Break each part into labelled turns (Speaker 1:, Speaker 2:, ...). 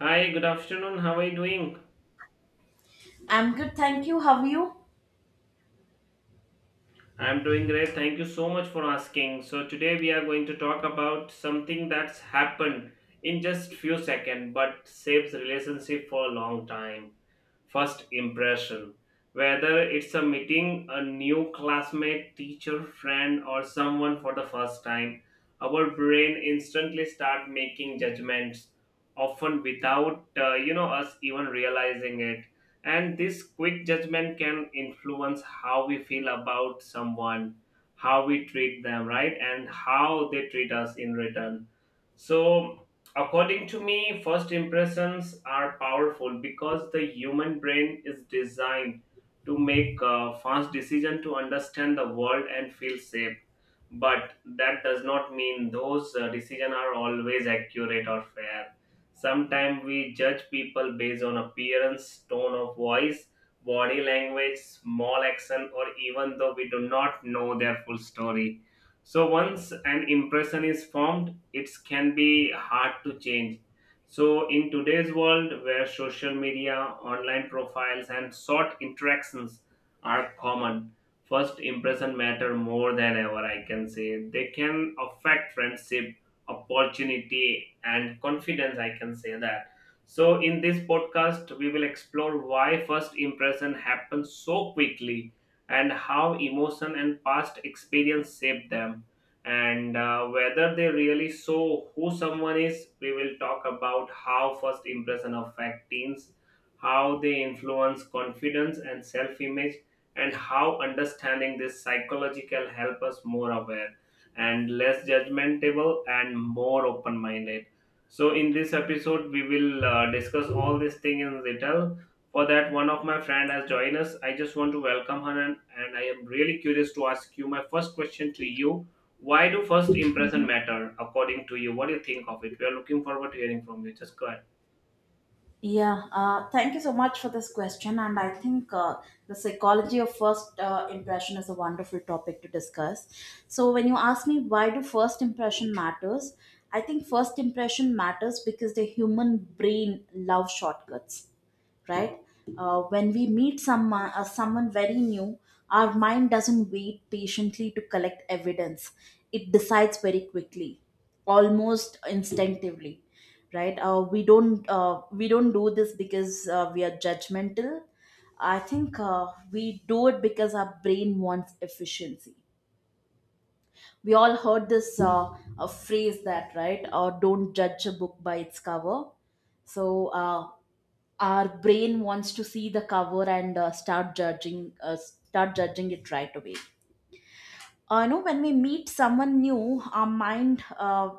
Speaker 1: Hi, good afternoon. How are you doing?
Speaker 2: I'm good, thank you. How are you?
Speaker 1: I'm doing great. Thank you so much for asking. So today we are going to talk about something that's happened in just few seconds but saves relationship for a long time. First impression. Whether it's a meeting a new classmate, teacher, friend, or someone for the first time, our brain instantly start making judgments, often without us even realizing it. And this quick judgment can influence how we feel about someone, how we treat them, right, and how they treat us in return. So according to me, first impressions are powerful because the human brain is designed to make a fast decision to understand the world and feel safe. But that does not mean those decisions are always accurate or fair. Sometimes we judge people based on appearance, tone of voice, body language, small action, or even though we do not know their full story, so once an impression is formed, it can be hard to change. So in today's world where social media, online profiles and short interactions are common, first impression matter more than ever, I can say. They can affect friendship, opportunity and confidence, I can say that. So in this podcast we will explore why first impression happens so quickly and how emotion and past experience shape them. And whether they really show who someone is, we will talk about how first impression affect teens, how they influence confidence and self-image, and how understanding this psychological help us more aware and less judgmental and more open-minded. So in this episode, we will discuss all these things in detail. For that one of my friend has joined us. I just want to welcome her and I am really curious to ask you my first question to you. Why do first impression
Speaker 2: Mhm.
Speaker 1: matter according to you? What do you think of it? We are looking forward to hearing from you. Just go ahead.
Speaker 2: Yeah, thank you so much for this question. And I think the psychology of first impression is a wonderful topic to discuss. So, when you ask me why do first impression matters, I think first impression matters because the human brain loves shortcuts, right? When we meet someone very new, our mind doesn't wait patiently to collect evidence. It decides very quickly, almost instinctively, right? We don't do this because we are judgmental. I think we do it because our brain wants efficiency. We all heard this, a phrase that, right, or, don't judge a book by its cover. So our brain wants to see the cover and start judging it right away. When we meet someone new, our mind uh,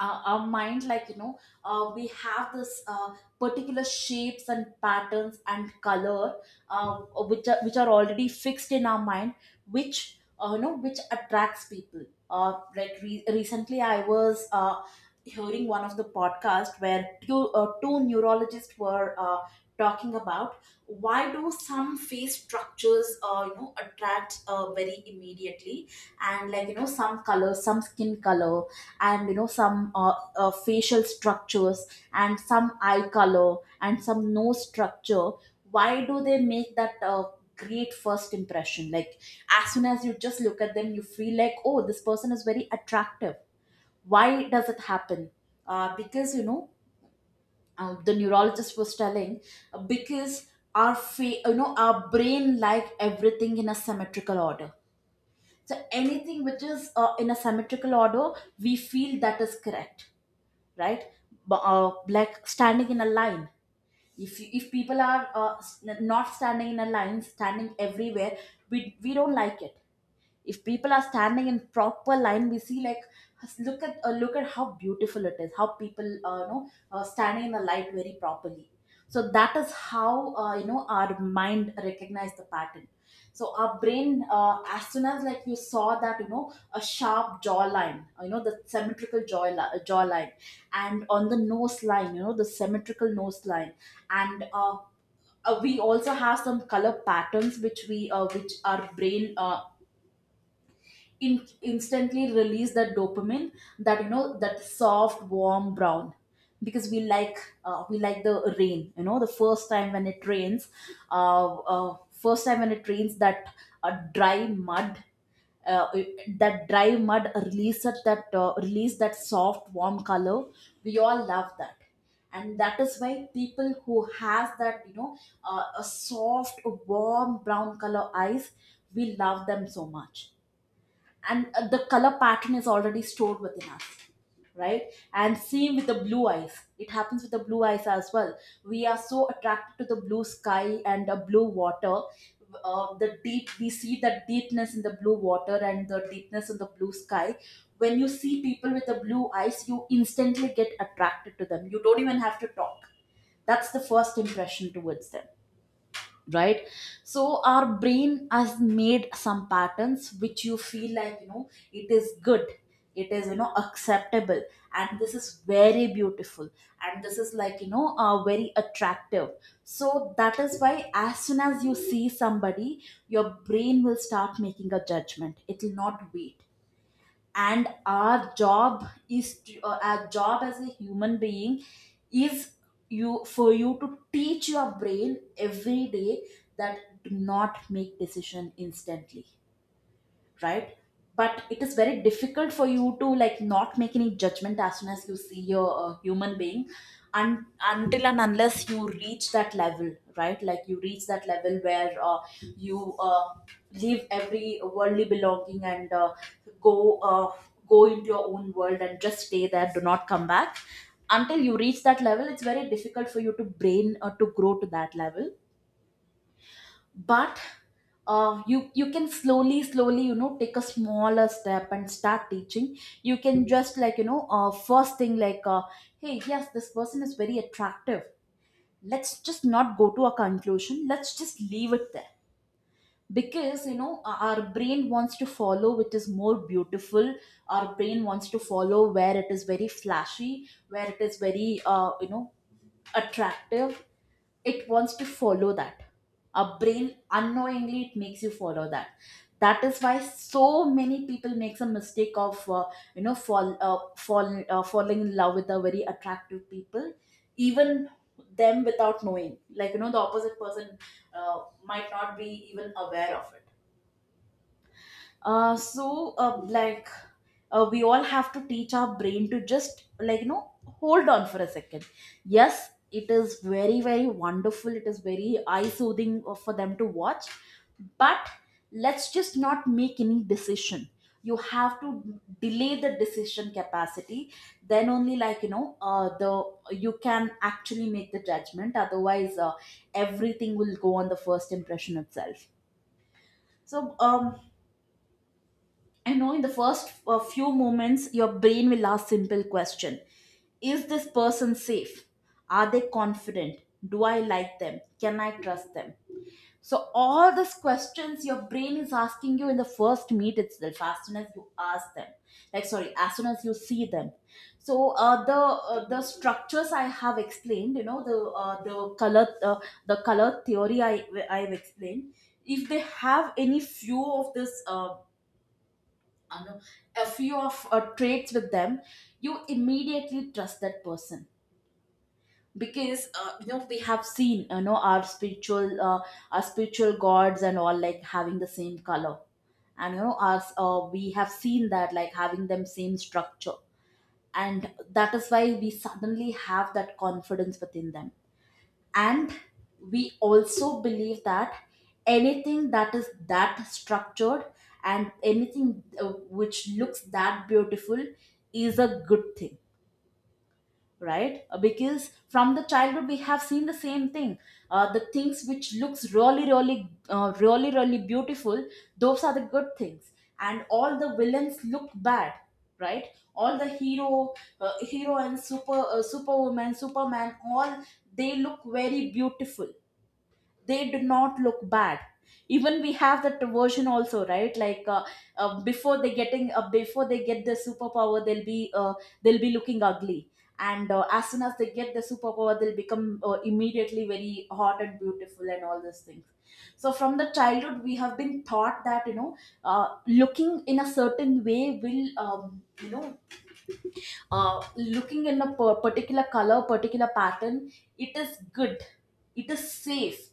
Speaker 2: our, our mind like, we have this particular shapes and patterns and color, uh, which are already fixed in our mind, which you know which attracts people. Like, recently I was hearing one of the podcast where two neurologists were talking about why do some face structures, attract very immediately, and like, some color, some skin color, and some facial structures, and some eye color, and some nose structure, why do they make that great first impression. Like, as soon as you just look at them, you feel like, oh, this person is very attractive. Why does it happen? Because, the neurologist was telling, because our fa- you know our brain like everything in a symmetrical order. So anything which is in a symmetrical order, we feel that is correct, right? Like, standing in a line, if people are not standing in a line, standing everywhere, we don't like it. If people are standing in proper line, we see like, look at how beautiful it is, how people standing in the light very properly. So that is how, our mind recognize the pattern. So our brain, as soon as, like, you saw that, a sharp jawline, the symmetrical jawline, and on the nose line, the symmetrical nose line. And we also have some color patterns which our brain, instantly release that dopamine, that, that soft warm brown. Because we like the rain, the first time when it rains. First time when it rains, that dry mud, uh, that dry mud release that soft warm color, we all love that. And that is why people who has that, a soft warm brown color eyes, we love them so much. And the color pattern is already stored within us, right? And same with the blue eyes, it happens with the blue eyes as well. We are so attracted to the blue sky and the blue water. Uh, the deep we see the deepness in the blue water and the deepness in the blue sky. When you see people with the blue eyes, you instantly get attracted to them, you don't even have to talk. That's the first impression towards them, right? So our brain has made some patterns which you feel like, it is good, it is, acceptable, and this is very beautiful, and this is like, very attractive. So that is why, as soon as you see somebody, your brain will start making a judgment, it will not wait. And our job as a human being is, you for you to teach your brain every day that, do not make decision instantly, right? But it is very difficult for you to, like, not make any judgment as soon as you see your human being. And until and unless you reach that level, right, like, you reach that level where, you leave every worldly belonging, and go uh, go into your own world and just stay there, do not come back. Until you reach that level, it's very difficult for you to brain or to grow to that level. But you can slowly slowly, take a smaller step and start teaching. You can just, like, first thing, like, hey, yes, this person is very attractive, let's just not go to a conclusion, let's just leave it there. Because, our brain wants to follow which is more beautiful. Our brain wants to follow where it is very flashy, where it is very, attractive, it wants to follow that. Our brain unknowingly, it makes you follow that. That is why so many people makes a mistake of, falling in love with the very attractive people, even them, without knowing, like, the opposite person might not be even aware of it. So, like, we all have to teach our brain to just, like, hold on for a second. Yes, it is very, very wonderful, it is very eye soothing for them to watch. But let's just not make any decision. You have to delay the decision capacity. Then only, like, you can actually make the judgment, otherwise, everything will go on the first impression itself. So I know in the first few moments, your brain will ask simple question: Is this person safe? Are they confident? Do I like them? Can I trust them? So all these questions your brain is asking you in the first meet itself, as soon as you ask them, like, sorry, as soon as you see them. So the structures I have explained, you know, the color theory I've explained. If they have any few of this. I know a few of traits with them, you immediately trust that person, because, we have seen, our spiritual gods and all, like, having the same color, and, you know us we have seen that, like, having them same structure, and that is why we suddenly have that confidence within them, and we also believe that anything that is that structured, and anything which looks that beautiful, is a good thing, right? Because, from the childhood, we have seen the same thing. The things which looks really, really, really, really beautiful, those are the good things. And all the villains look bad, right? All the hero and superwoman, superman, all, they look very beautiful, they do not look bad. Even we have that version also, right, like, before they get the superpower, they'll be looking ugly. And as soon as they get the superpower, they'll become immediately very hot and beautiful and all those things. So from the childhood we have been taught that, uh, looking in a certain way will, looking in a particular color, particular pattern, it is good, it is safe,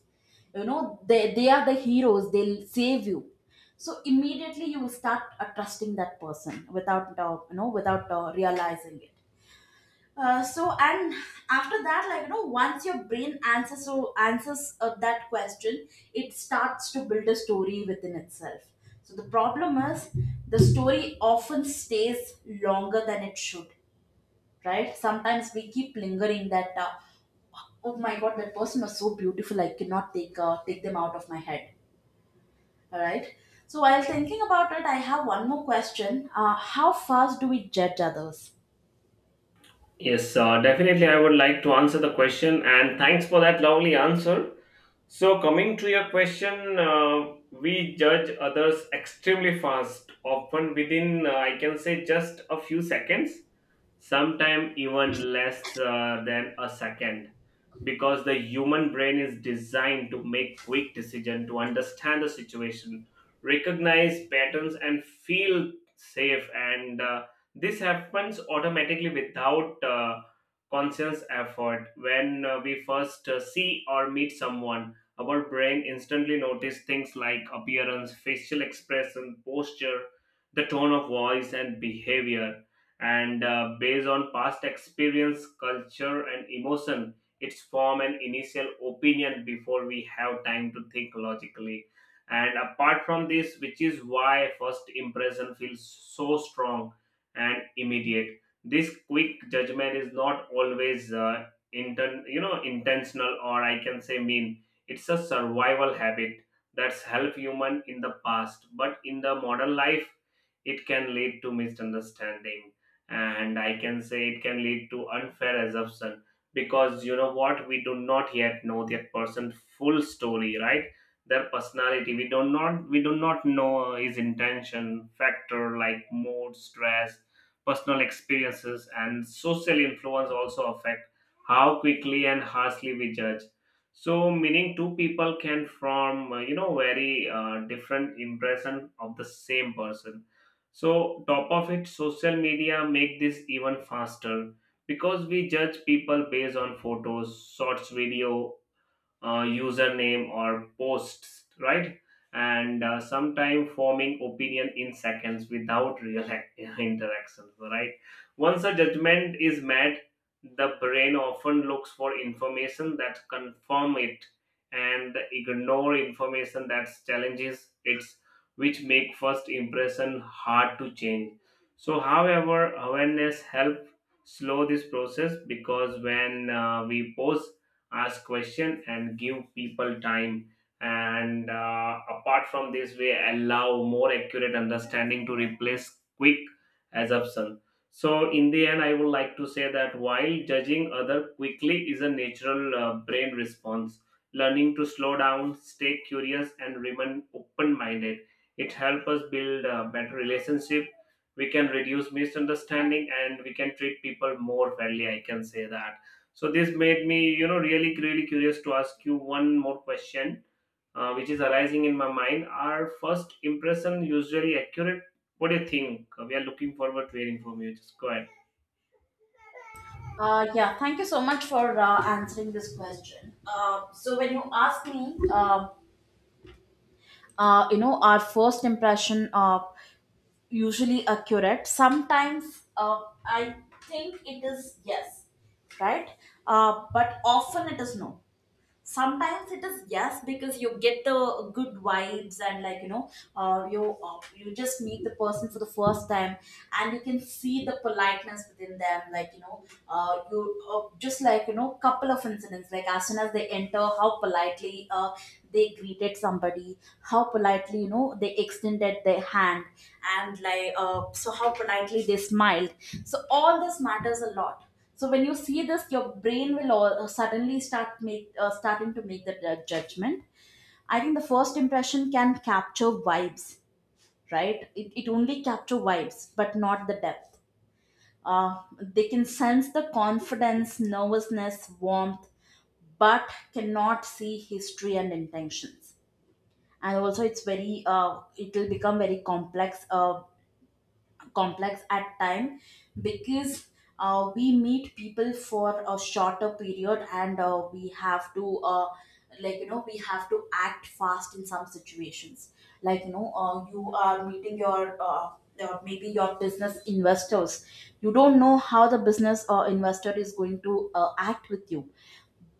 Speaker 2: you know, they are the heroes, they'll save you. So immediately you will start trusting that person, without realizing it. And after that, like, you know, once your brain answers that question, it starts to build a story within itself. So the problem is, the story often stays longer than it should, right? Sometimes we keep lingering that, oh my God, that person was so beautiful, I cannot take them out of my head, all right? So while thinking about it, I have one more question. How fast do we judge others?
Speaker 1: Yes, definitely. I would like to answer the question, and thanks for that lovely answer. So, coming to your question, we judge others extremely fast, often within, I can say, just a few seconds, sometimes even less than a second, because the human brain is designed to make quick decision to understand the situation, recognize patterns and feel safe. And this happens automatically without conscious effort. When we first see or meet someone, our brain instantly notice things like appearance, facial expression, posture, the tone of voice and behavior, and based on past experience, culture and emotion, it's form an initial opinion before we have time to think logically. And apart from this, which is why first impression feels so strong and immediate. This quick judgment is not always intentional, or I can say mean. It's a survival habit that's helped human in the past, but in the modern life it can lead to misunderstanding, and I can say it can lead to unfair assumption, because you know what, we do not yet know that person's full story, right? Their personality, we do not know his intention factor, like mood, stress, personal experiences and social influence also affect how quickly and harshly we judge. So meaning two people can form very different impression of the same person. So top of it, social media make this even faster, because we judge people based on photos, shorts video, username or posts, right? And sometimes forming opinion in seconds without real interaction, right? Once a judgment is made, the brain often looks for information that confirm it and ignore information that challenges it, which make first impression hard to change. So however awareness help slow this process, because when we pause, ask question and give people time, and apart from this, we allow more accurate understanding to replace quick assumption. So in the end I would like to say that while judging other quickly is a natural brain response, learning to slow down, stay curious and remain open minded, it helps us build a better relationship. We can reduce misunderstanding and we can treat people more fairly, I can say that. So this made me, you know, really, really curious to ask you one more question, which is arising in my mind. Are first impression usually accurate? What do you think? We are looking forward to hearing from you. Just go ahead.
Speaker 2: Yeah, thank you so much for answering this question. So when you ask me, our first impression usually accurate. Sometimes I think it is yes, right? But often it is no. Sometimes it is yes because you get the good vibes and you you just meet the person for the first time, and you can see the politeness within them. You just, couple of incidents, like as soon as they enter, how politely they greeted somebody, how politely, you know, they extended their hand, and how politely they smiled. So all this matters a lot. So when you see this, your brain will suddenly starting to make that judgment. I think the first impression can capture vibes, right? It only capture vibes, but not the depth. They can sense the confidence, nervousness, warmth, but cannot see history and intentions. And also, it's very it will become very complex. Complex at time, because we meet people for a shorter period, and we have to, we have to act fast in some situations. You are meeting your maybe your business investors. You don't know how the business investor is going to act with you,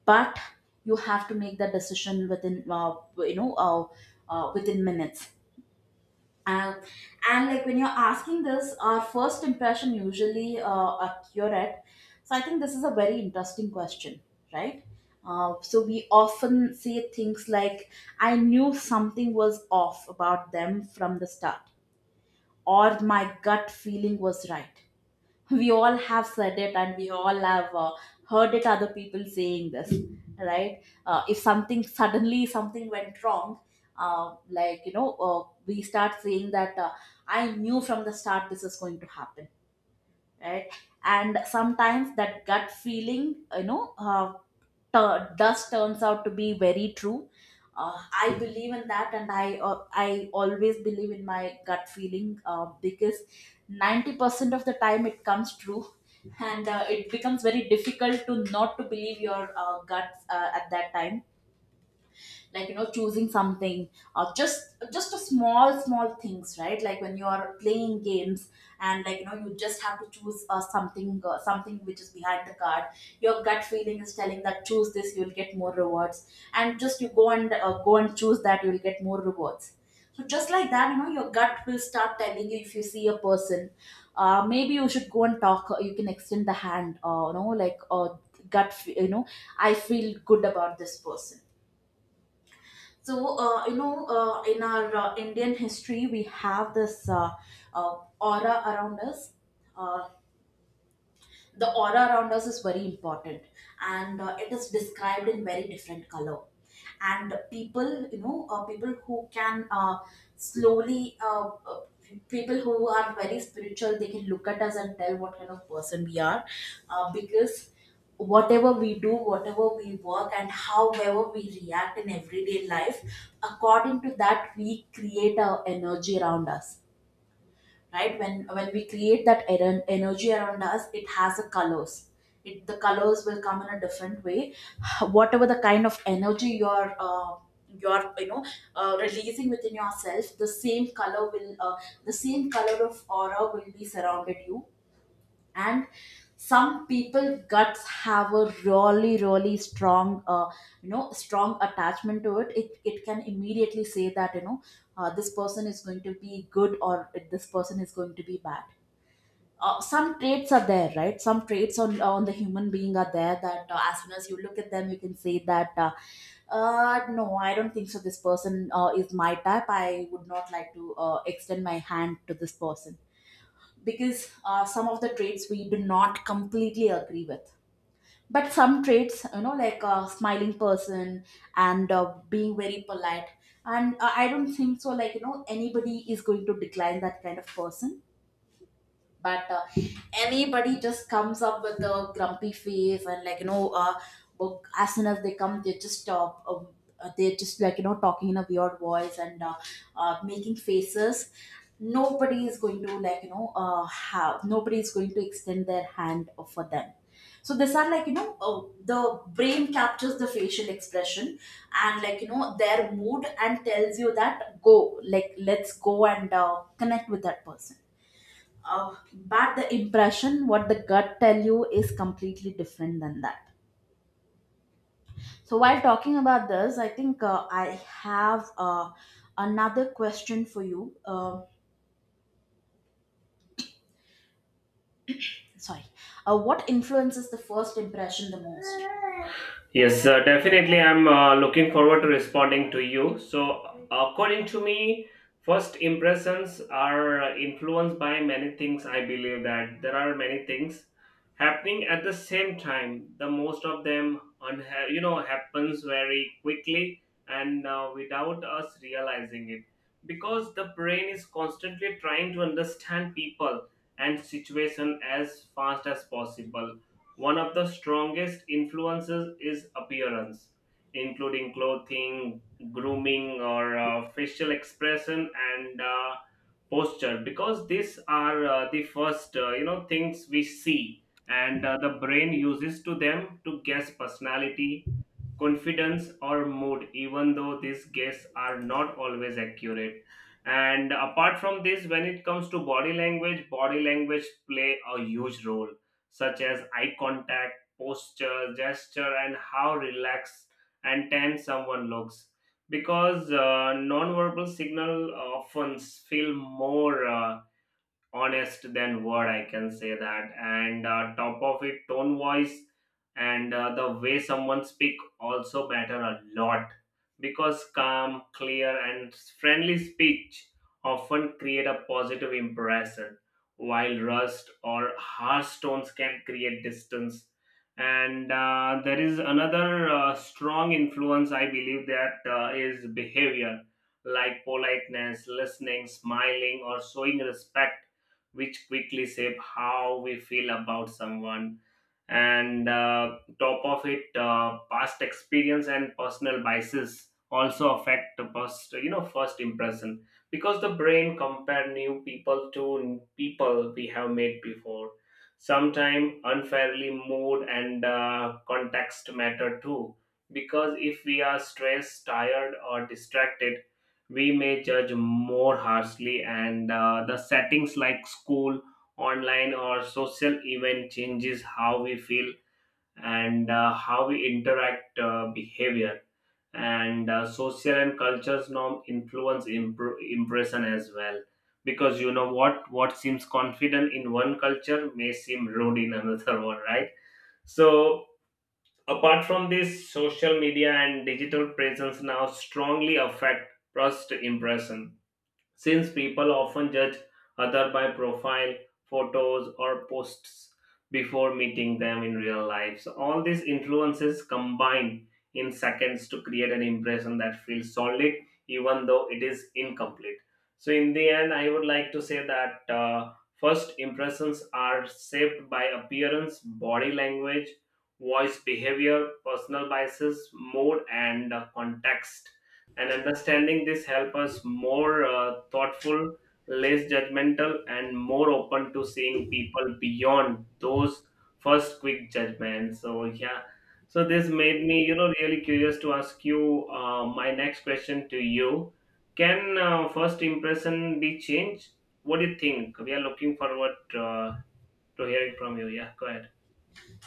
Speaker 2: but you have to make the decision within within minutes. um, and like, when you're asking this, our first impression usually accurate. So I think this is a very interesting question, right? So we often say things like, "I knew something was off about them from the start," or "My gut feeling was right." We all have said it, and we all have heard it other people saying this, right? If something went wrong, we start saying that I knew from the start this is going to happen, right? And sometimes that gut feeling, thus turns out to be very true. Uh, I believe in that, and I always believe in my gut feeling, because 90% of the time it comes true, and it becomes very difficult to not to believe your guts at that time, like, you know, choosing something, or just a small small things, right? Like when you are playing games, and, like, you know, you just have to choose something which is behind the card. Your gut feeling is telling that choose this, you'll get more rewards, and just you go and choose that, you'll get more rewards. So just like that, you know, your gut will start telling you, if you see a person, maybe you should go and talk, you can extend the hand, or, you know, you know, I feel good about this person. So you know, in our Indian history, we have this aura around us. Uh, the aura around us is very important, and it is described in very different color. And people, people who can, slowly people who are very spiritual, they can look at us and tell what kind of person we are, because whatever we do, whatever we work, and however we react in everyday life, according to that we create our energy around us. Right? When we create that energy around us, it has a colors. It, the colors will come in a different way. Whatever the kind of energy you know, releasing within yourself, the same color will the same color of aura will be surrounded you. And some people guts have a really really strong, strong attachment to it. It can immediately say that, you know, this person is going to be good, or this person is going to be bad. Some traits are there, right? Some traits on the human being are there that as soon as you look at them, you can say that, no, I don't think so. This person is my type. I would not like to extend my hand to this person, because some of the traits we do not completely agree with. But some traits, you know, like a smiling person and being very polite, and I don't think so, like, you know, anybody is going to decline that kind of person. But anybody just comes up with a grumpy face, and, like, you know, well, as soon as they come, they're just, like, you know, talking in a weird voice, and making faces. Nobody is going to, like, you know, have nobody is going to extend their hand for them. So these are, like, you know, the brain captures the facial expression, and, like, you know, their mood, and tells you that, go, like, let's go and connect with that person. But the impression what the gut tell you is completely different than that. So while talking about this, I think I have another question for you, sorry, what influences the first impression the most?
Speaker 1: Yes, definitely. I'm looking forward to responding to you. So, according to me, first impressions are influenced by many things. I believe that there are many things happening at the same time. The most of them, happens very quickly and without us realizing it, because the brain is constantly trying to understand people and situation as fast as possible. One of the strongest influences is appearance, including clothing, grooming, or facial expression and posture, because these are the first things we see, and the brain uses to them to guess personality, confidence or mood, even though these guesses are not always accurate. And apart from this, when it comes to body language, body language play a huge role, such as eye contact, posture, gesture and how relaxed and tense someone looks, because nonverbal signal often feel more honest than word, I can say that. And top of it, tone voice and the way someone speak also matter a lot, because calm, clear and friendly speech often create a positive impression, while rust or harsh tones can create distance. And there is another strong influence I believe that is behavior, like politeness, listening, smiling or showing respect, which quickly shape how we feel about someone. And top of it, past experience and personal biases also affect the first, you know, first impression, because the brain compare new people to people we have met before. Sometimes unfairly, mood and context matter too, because if we are stressed, tired, or distracted, we may judge more harshly. And the settings like school, online or social event changes how we feel and how we interact behavior. And social and cultures norm influence impression as well, because you know what seems confident in one culture may seem rude in another one, right? So apart from this, social media and digital presence now strongly affect first impression, since people often judge other by profile, photos or posts before meeting them in real life. So all these influences combine in seconds to create an impression that feels solid, even though it is incomplete. So in the end I would like to say that first impressions are shaped by appearance, body language, voice, behavior, personal biases, mood and context, and understanding this help us more thoughtful, less judgmental and more open to seeing people beyond those first quick judgments. So yeah, so this made me, you know, really curious to ask you my next question to you. Can first impression be changed? What do you think? We are looking forward to hearing from you. Yeah, go ahead.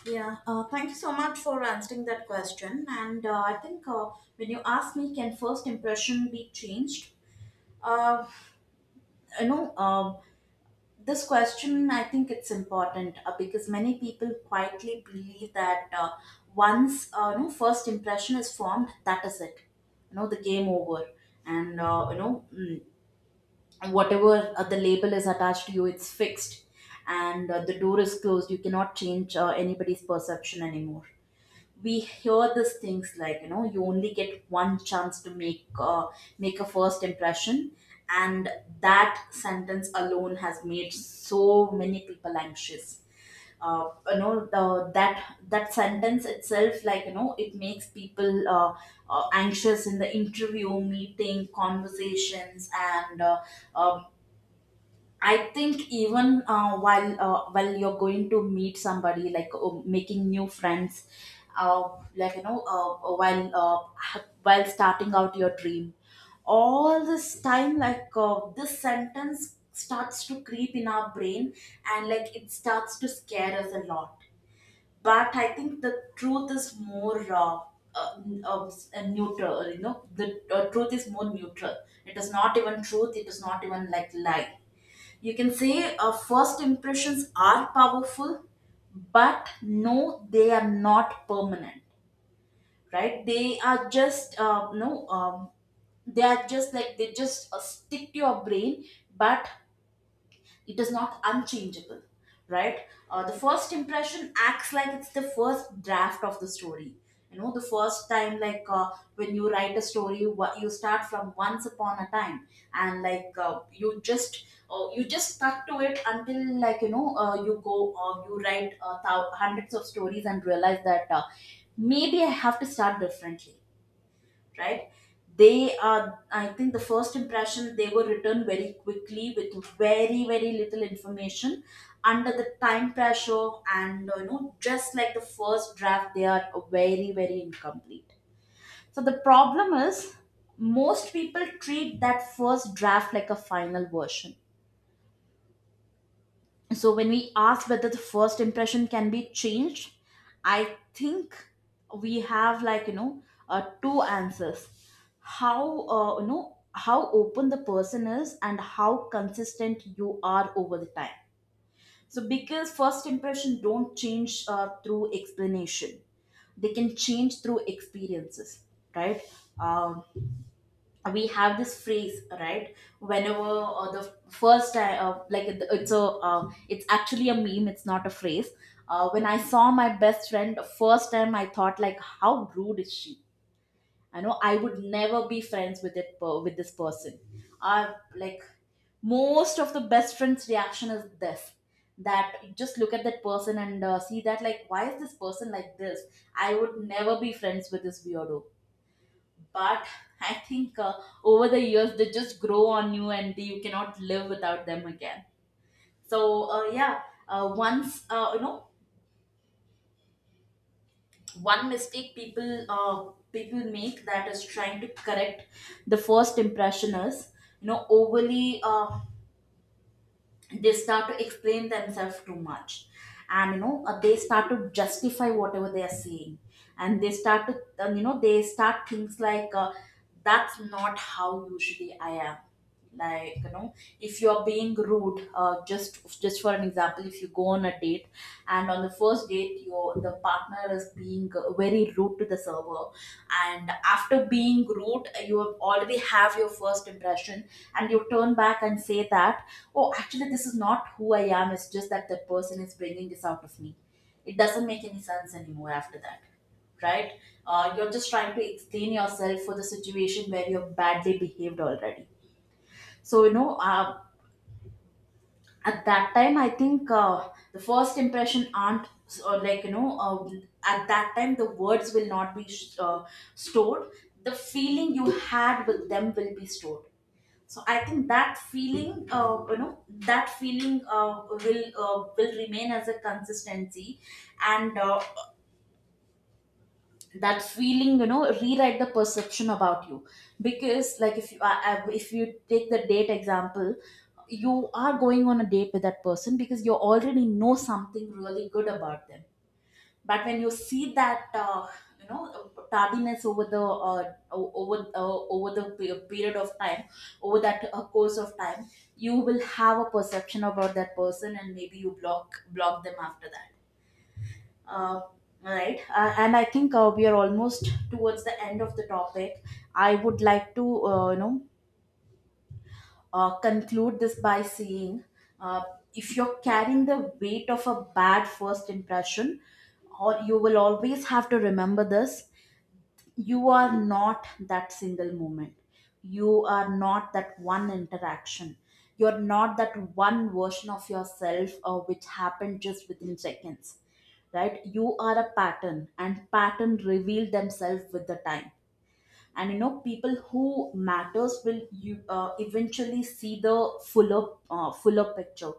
Speaker 2: Yeah, thank you so much for answering that question. And I think, when you ask me, can first impression be changed? Uh, you know, this question, I think it's important, because many people quietly believe that, once you know, first impression is formed, that is it, you know, the game over. And, you know, whatever the label is attached to you, it's fixed, and the door is closed, you cannot change anybody's perception anymore. We hear these things like, you know, you only get one chance to make make a first impression. And that sentence alone has made so many people anxious. That that sentence itself, like, you know, it makes people anxious in the interview meeting conversations, and um I think, even while you're going to meet somebody, like, making new friends, uh, while starting out your dream, all this time, like, this sentence starts to creep in our brain, and like it starts to scare us a lot. But I think the truth is more, neutral. You know, the truth is more neutral. It is not even truth, it is not even like lie. You can say first impressions are powerful, but no, they are not permanent. Right? They are just no. They are just like, they just stick to your brain, but it is not unchangeable, right? The first impression acts like it's the first draft of the story. You know, the first time, like, when you write a story, what you start from once upon a time, and like, you just stuck to it, until, like, you know, you write, hundreds of stories, and realize that, maybe I have to start differently, right? They are, I think the first impression, they were written very quickly with very very little information, under the time pressure. And, you know, just like the first draft, they are very very incomplete. So the problem is, most people treat that first draft like a final version. So when we ask whether the first impression can be changed, I think we have, like, you know, two answers: how, how open the person is, and how consistent you are over the time. So because first impression don't change through explanation, they can change through experiences, right? Um, we have this phrase, right? Whenever the first time like it- it's a, it's actually a meme, it's not a phrase. When I saw my best friend first time, I thought, like, how rude is she? I know I would never be friends with with this person. uh, like, most of the best friend's reaction is this, that you just look at that person and see that, like, why is this person like this? I would never be friends with this weirdo. But I think over the years, they just grow on you, and you cannot live without them again. So yeah, once you know, one mistake people people make that is trying to correct the first impression is, you know, overly they start to explain themselves too much, and, you know, they start to justify whatever they are saying, and they start to, you know, they start things like, that's not how usually I am. Like, you know, if you're being rude, just for an example, if you go on a date, and on the first date, your, the partner is being, very rude to the server, and after being rude, you have already have your first impression, and you turn back and say that, oh, actually, this is not who I am, it's just that the person is bringing this out of me. It doesn't make any sense anymore after that, right? You're just trying to explain yourself for the situation where you've badly behaved already. So, you know, at that time, I think the first impression aren't, or, like, you know, at that time, the words will not be uh, stored, the feeling you had with them will be stored. So I think that feeling, you know, that feeling will remain as a consistency. And that feeling, you know, rewrite the perception about you, because like, if you if you take the date example, you are going on a date with that person because you already know something really good about them. But when you see that, you know, tardiness over the period of time, over that course of time, you will have a perception about that person, and maybe you block them after that. uh, right. And I think we are almost towards the end of the topic. I would like to, you know, conclude this by saying, uh, if you're carrying the weight of a bad first impression, or you will always have to remember this, you are not that single moment, you are not that one interaction, you're not that one version of yourself, which happened just within seconds, right? You are a pattern, and pattern reveal themselves with the time. And, you know, people who matters will, you eventually see the fuller picture.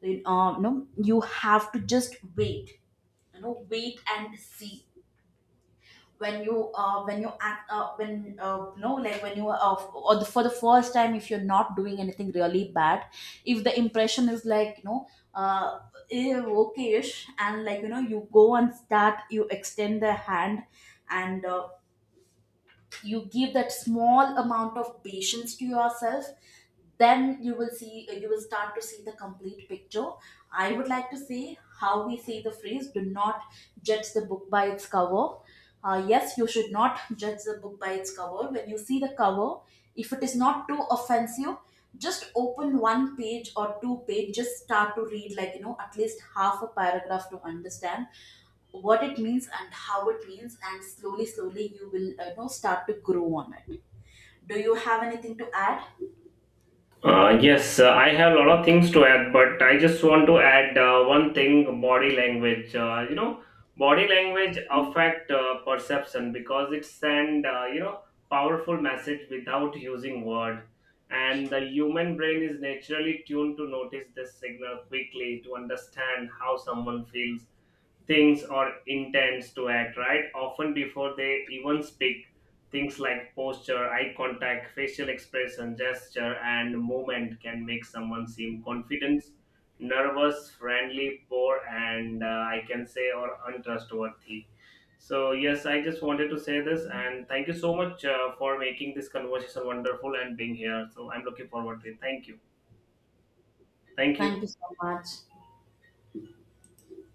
Speaker 2: You, you know you have to just wait, you know, wait and see. When you when you act when no like when you are or the, for the first time, if you're not doing anything really bad, if the impression is, like, you know, uh, eh, okay-ish, and, like, you know, you go and start, you extend the hand, and you give that small amount of patience to yourself, then you will see, you will start to see the complete picture. I would like to say how we say the phrase, do not judge the book by its cover. Yes, you should not judge the book by its cover. When you see the cover, if it is not too offensive, just open one page or two page, just start to read, like, you know, at least half a paragraph, to understand what it means and how it means, and slowly slowly you will, you know, start to grow on it. Do you have anything to add?
Speaker 1: Yes, I have a lot of things to add, but I just want to add one thing: body language. Body language affect perception because it send powerful message without using word, and the human brain is naturally tuned to notice this signal quickly to understand how someone feels, things or intents to act, right? Often before they even speak, things like posture, eye contact, facial expression, gesture, and movement can make someone seem confident, nervous, friendly, poor, and I can say, or untrustworthy. So yes, I just wanted to say this, and thank you so much for making this conversation wonderful and being here. So I'm looking forward to it. Thank you. Thank
Speaker 2: Thank
Speaker 1: you.
Speaker 2: you so much.